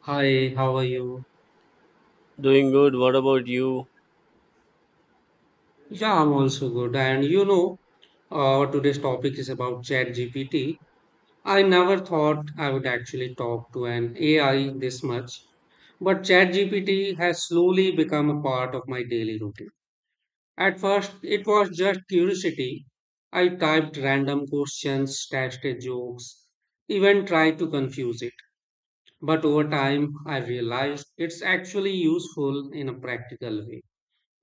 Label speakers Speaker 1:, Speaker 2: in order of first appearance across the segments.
Speaker 1: Hi, how are you?
Speaker 2: Doing good. What about you?
Speaker 1: Yeah, I'm also good. Today's topic is about ChatGPT. I never thought I would actually talk to an AI this much, but ChatGPT has slowly become a part of my daily routine. At first, it was just curiosity. I typed random questions, tested jokes, even tried to confuse it. But over time, I realized it's actually useful in a practical way,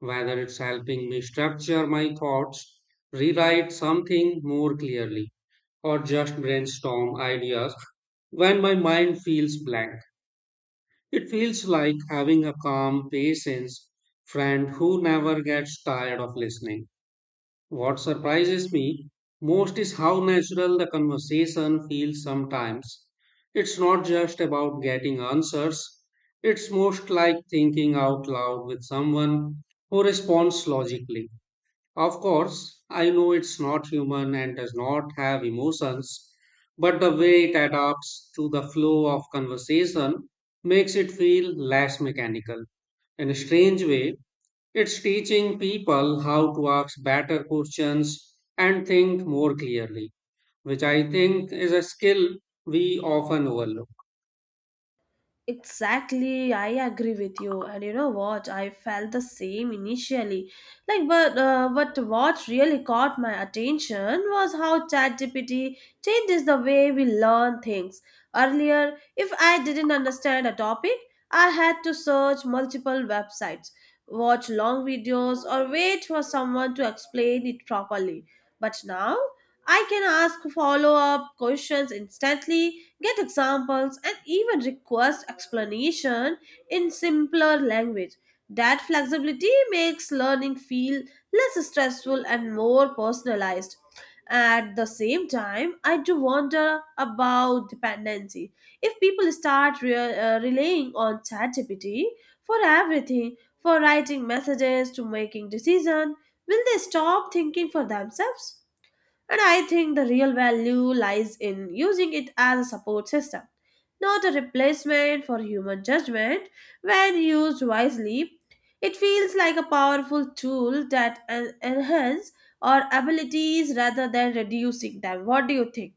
Speaker 1: whether it's helping me structure my thoughts, rewrite something more clearly, or just brainstorm ideas when my mind feels blank. It feels like having a calm, patient friend who never gets tired of listening. What surprises me most is how natural the conversation feels sometimes. It's not just about getting answers, it's most like thinking out loud with someone who responds logically. Of course, I know it's not human and does not have emotions, but the way it adapts to the flow of conversation makes it feel less mechanical. In a strange way, it's teaching people how to ask better questions and think more clearly, which I think is a skill we often overlook.
Speaker 3: Exactly, I agree with you. And you know what? I felt the same initially. Like, but what really caught my attention was how ChatGPT changes the way we learn things. Earlier, if I didn't understand a topic, I had to search multiple websites, watch long videos, or wait for someone to explain it properly. But now, I can ask follow up questions instantly get examples, and even request explanation in simpler language. That flexibility makes learning feel less stressful and more personalized. At the same time, I do wonder about dependency. If people start relying on ChatGPT for everything, for writing messages to making decisions, will they stop thinking for themselves? And I think the real value lies in using it as a support system, not a replacement for human judgment. When used wisely, it feels like a powerful tool that enhances our abilities rather than reducing them. What do you think?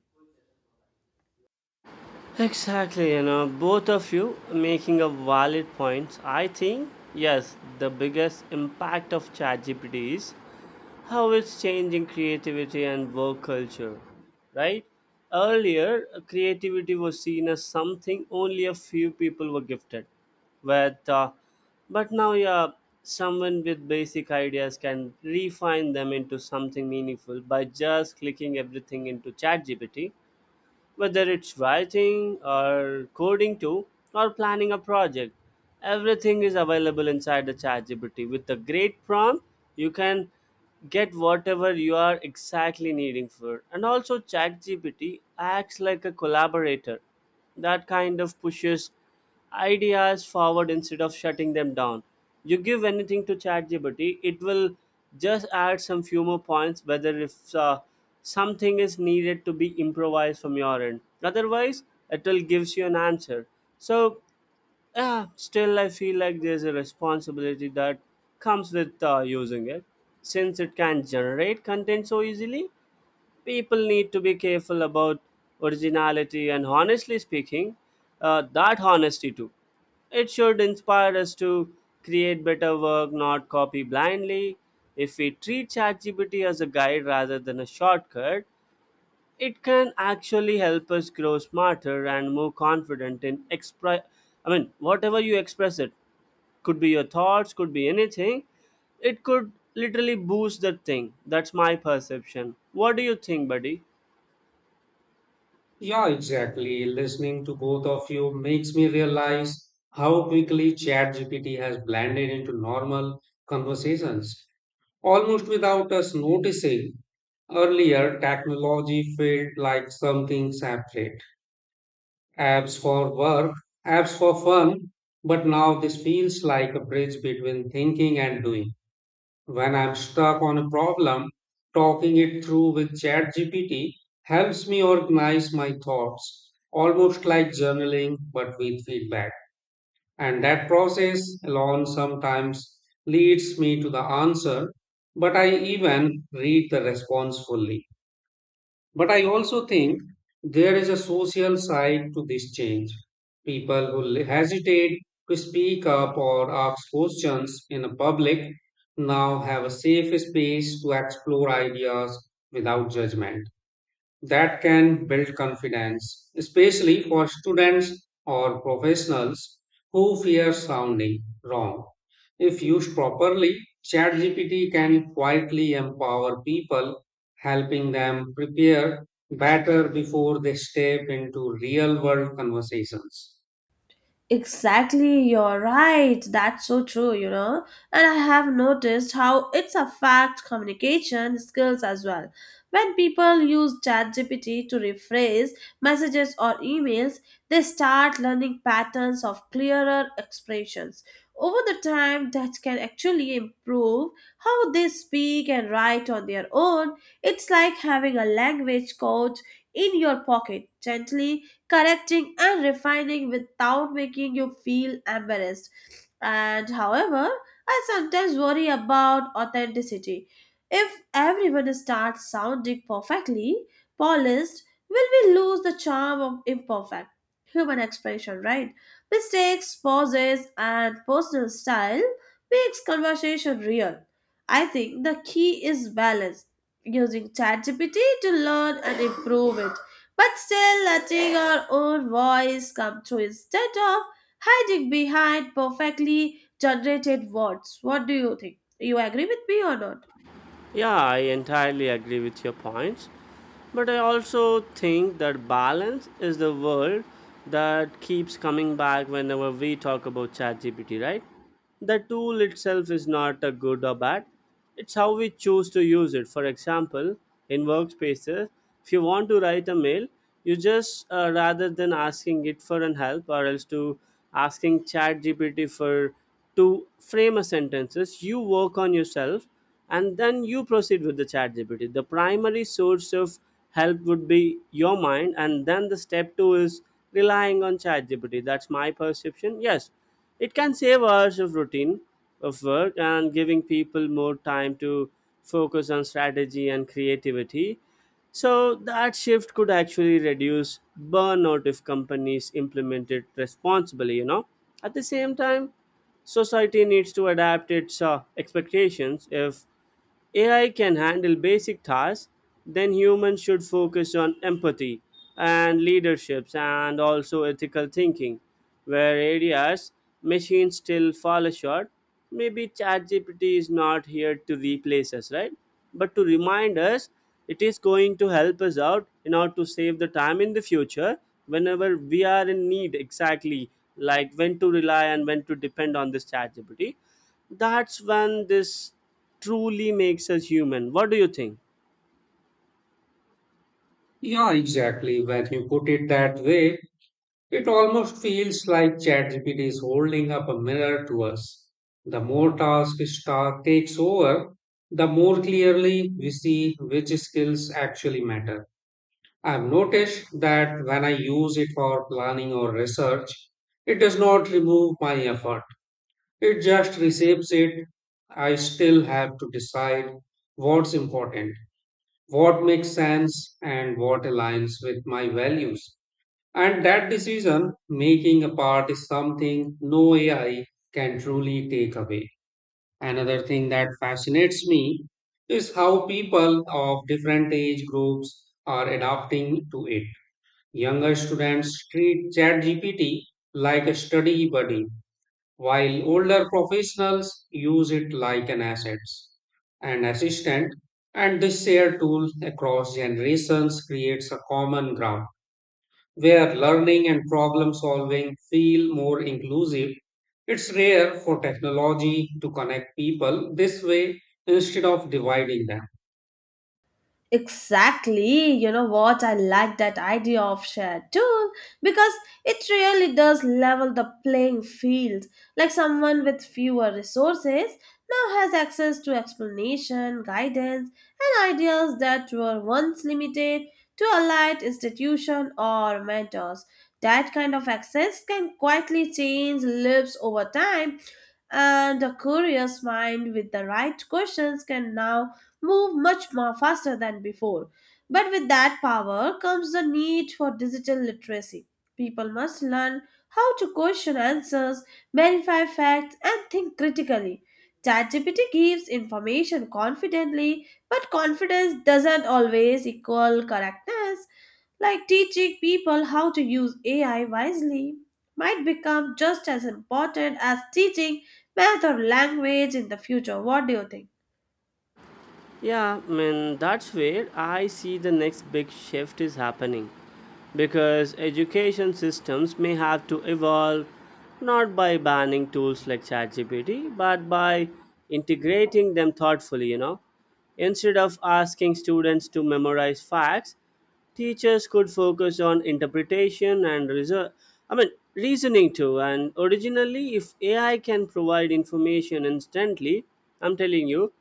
Speaker 2: Exactly, you know, both of you making a valid points. I think yes, the biggest impact of ChatGPT is how it's changing creativity and work culture, right? Earlier, creativity was seen as something only a few people were gifted with, but now, yeah, someone with basic ideas can refine them into something meaningful by just clicking everything into ChatGPT. Whether it's writing or coding too, or planning a project, everything is available inside the ChatGPT. With a great prompt, you can get whatever you are exactly needing for. And also, ChatGPT acts like a collaborator that kind of pushes ideas forward instead of shutting them down. You give anything to ChatGPT, it will just add some few more points whether if something is needed to be improvised from your end. Otherwise, it will gives you an answer. So, yeah, still I feel like there's a responsibility that comes with using it, since it can generate content so easily, people need to be careful about originality, and honestly speaking, that honesty too, it should inspire us to create better work, not copy blindly. If we treat chatgpt as a guide rather than a shortcut, it can actually help us grow smarter and more confident in express, I mean whatever you express, it could be your thoughts, could be anything, it could literally boost that thing. That's my perception. What do you think, buddy?
Speaker 1: Yeah, exactly. Listening to both of you makes me realize how quickly ChatGPT has blended into normal conversations, almost without us noticing. Earlier, technology felt like something separate, apps for work, apps for fun, but now this feels like a bridge between thinking and doing. When I'm stuck on a problem, talking it through with ChatGPT helps me organize my thoughts, almost like journaling but with feedback. And that process alone sometimes leads me to the answer, but I even read the response fully. But I also think there is a social side to this change. People who hesitate to speak up or ask questions in a public now have a safe space to explore ideas without judgment that can build confidence, especially for students or professionals who fear sounding wrong. If used properly, ChatGPT can quietly empower people, helping them prepare better before they step into real world conversations.
Speaker 3: Exactly, you're right. That's so true, you know. And I have noticed how it's affect communication skills as well. When people use ChatGPT to rephrase messages or emails, they start learning patterns of clearer expressions. Over the time, that can actually improve how they speak and write on their own. It's like having a language coach in your pocket, gently correcting and refining without making you feel embarrassed. And however, I sometimes worry about authenticity. If everyone starts sounding perfectly polished, will we lose the charm of imperfect human expression, right? Mistakes, pauses, and personal style makes conversation real. I think the key is balance, using ChatGPT to learn and improve it but still letting our own voice come through instead of hiding behind perfectly generated words. What do you think? You agree with me or not?
Speaker 2: Yeah, I entirely agree with your points. But I also think that balance is the word that keeps coming back whenever we talk about ChatGPT, right? The tool itself is not a good or bad. It's how we choose to use it. For example, in workspaces, if you want to write a mail, you just rather than asking it for an help or else to asking ChatGPT for to frame a sentences, you work on yourself and then you proceed with the chat gpt. The primary source of help would be your mind, and then the step two is relying on chat gpt. That's my perception. Yes, it can save hours of routine of work and giving people more time to focus on strategy and creativity. So that shift could actually reduce burnout if companies implement it responsibly, you know. At the same time, society needs to adapt its expectations. If AI can handle basic tasks, then humans should focus on empathy and leaderships and also ethical thinking. Where areas machines still fall short, maybe ChatGPT is not here to replace us, right? But to remind us it is going to help us out in order to save the time in the future whenever we are in need, exactly like when to rely and when to depend on this chat GPT. That's when this truly makes us human. What do you think?
Speaker 1: Yeah, exactly. When you put it that way, it almost feels like ChatGPT is holding up a mirror to us. The more task star takes over, the more clearly we see which skills actually matter. I've noticed that when I use it for planning or research, it does not remove my effort. It just reshapes it. I still have to decide what's important, what makes sense, and what aligns with my values. And that decision making apart is something no AI can truly take away. Another thing that fascinates me is how people of different age groups are adapting to it. Younger students treat ChatGPT like a study buddy, while older professionals use it like an asset and assistant. And this shared tool across generations creates a common ground where learning and problem solving feel more inclusive. It's rare for technology to connect people this way instead of dividing them.
Speaker 3: Exactly, you know what? I like that idea of shared tool because it really does level the playing field. Like someone with fewer resources now has access to explanation, guidance, and ideas that were once limited to allied institution or mentors. That kind of access can quietly change lives over time and a curious mind with the right questions can now move much more faster than before. But with that power comes the need for digital literacy. People must learn how to question answers, verify facts, and think critically. ChatGPT gives information confidently, but confidence doesn't always equal correctness. Like teaching people how to use AI wisely might become just as important as teaching math or language in the future. What do you think?
Speaker 2: Yeah, I mean, that's where I see the next big shift is happening. Because education systems may have to evolve not by banning tools like ChatGPT, but by integrating them thoughtfully, you know. Instead of asking students to memorize facts, teachers could focus on interpretation and reason. I mean, reasoning too. And originally, if AI can provide information instantly, I'm telling you,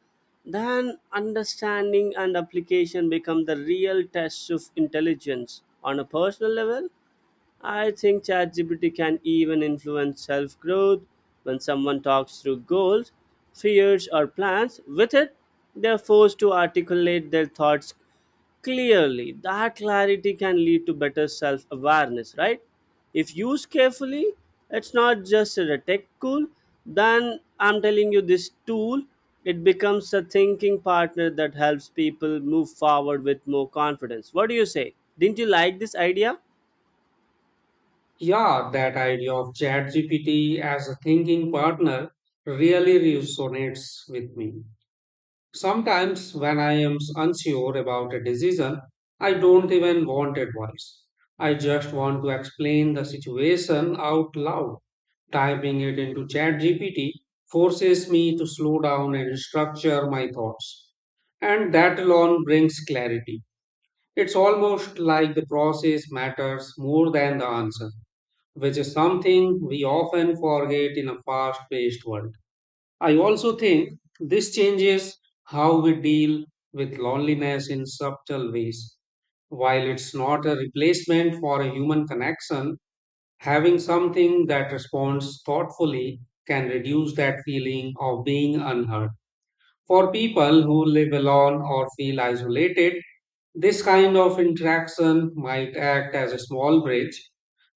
Speaker 2: then understanding and application become the real tests of intelligence. On a personal level, I think ChatGPT can even influence self growth. When someone talks through goals, fears, or plans with it, they're forced to articulate their thoughts clearly. That clarity can lead to better self awareness, right? If used carefully, it's not just a tech tool, then I'm telling you, this tool, it becomes a thinking partner that helps people move forward with more confidence. What do you say? Didn't you like this idea?
Speaker 1: Yeah, that idea of ChatGPT as a thinking partner really resonates with me. Sometimes, when I am unsure about a decision, I don't even want advice. I just want to explain the situation out loud. Typing it into ChatGPT forces me to slow down and structure my thoughts. And that alone brings clarity. It's almost like the process matters more than the answer, which is something we often forget in a fast paced world. I also think this changes how we deal with loneliness in subtle ways. While it's not a replacement for a human connection, having something that responds thoughtfully can reduce that feeling of being unheard. For people who live alone or feel isolated, this kind of interaction might act as a small bridge,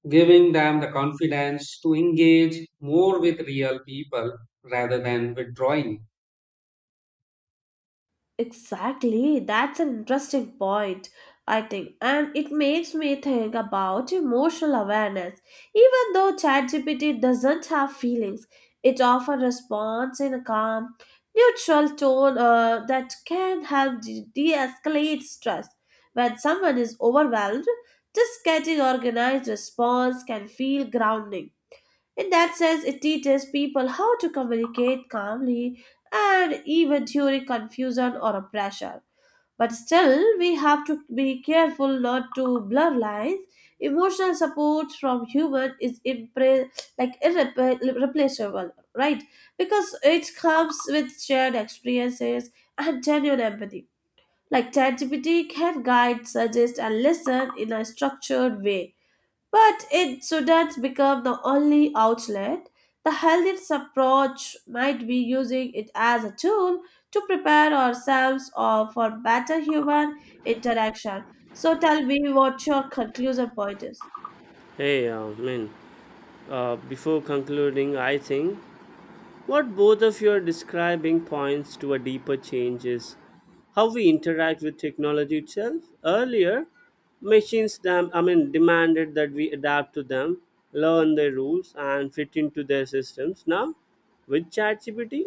Speaker 1: giving them the confidence to engage more with real people rather than withdrawing.
Speaker 3: Exactly, that's an interesting point, I think, and it makes me think about emotional awareness. Even though ChatGPT doesn't have feelings, it often responds in a calm, neutral tone that can help de escalate stress. When someone is overwhelmed, just getting organized response can feel grounding. In that sense, it teaches people how to communicate calmly and even during confusion or pressure. But still, we have to be careful not to blur lines. Emotional support from human is like irreplaceable, right? Because it comes with shared experiences and genuine empathy. Like ChatGPT can guide, suggest, and listen in a structured way but it shouldn't become the only outlet. The healthiest approach might be using it as a tool to prepare ourselves or for better human interaction. So tell me what your conclusion point is.
Speaker 2: Hey, Min, before concluding, I think what both of you are describing points to a deeper change is how we interact with technology itself. Earlier, machines I mean, demanded that we adapt to them, learn their rules, and fit into their systems. Now, with ChatGPT,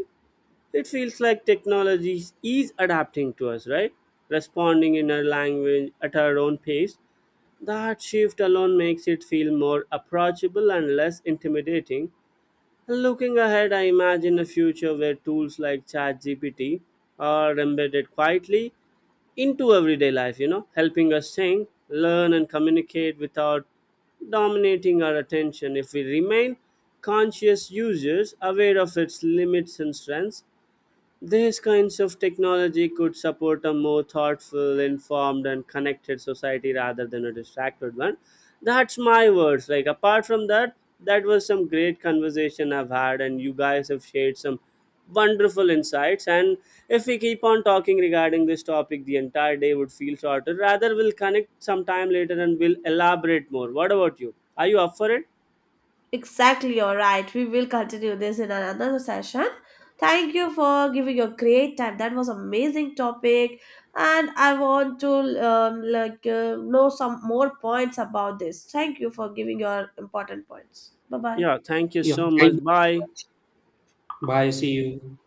Speaker 2: it feels like technology is adapting to us, right? Responding in our language at our own pace. That shift alone makes it feel more approachable and less intimidating. Looking ahead, I imagine a future where tools like ChatGPT are embedded quietly into everyday life, you know, helping us sing, learn, and communicate without dominating our attention. If we remain conscious users, aware of its limits and strengths, these kinds of technology could support a more thoughtful, informed, and connected society rather than a distracted one. That's my words. Like, apart from that, that was some great conversation I've had, and you guys have shared some wonderful insights. And if we keep on talking regarding this topic, the entire day would feel shorter. Rather, we'll connect sometime later and we'll elaborate more. What about you? Are you up for it?
Speaker 3: Exactly, you're right. We will continue this in another session. Thank you for giving your great time. That was amazing topic, and I want to know some more points about this. Thank you for giving your important points. Bye bye.
Speaker 2: Yeah, thank you
Speaker 1: Yeah.
Speaker 2: so
Speaker 1: Thank you.
Speaker 2: much. Bye.
Speaker 1: Bye. See you.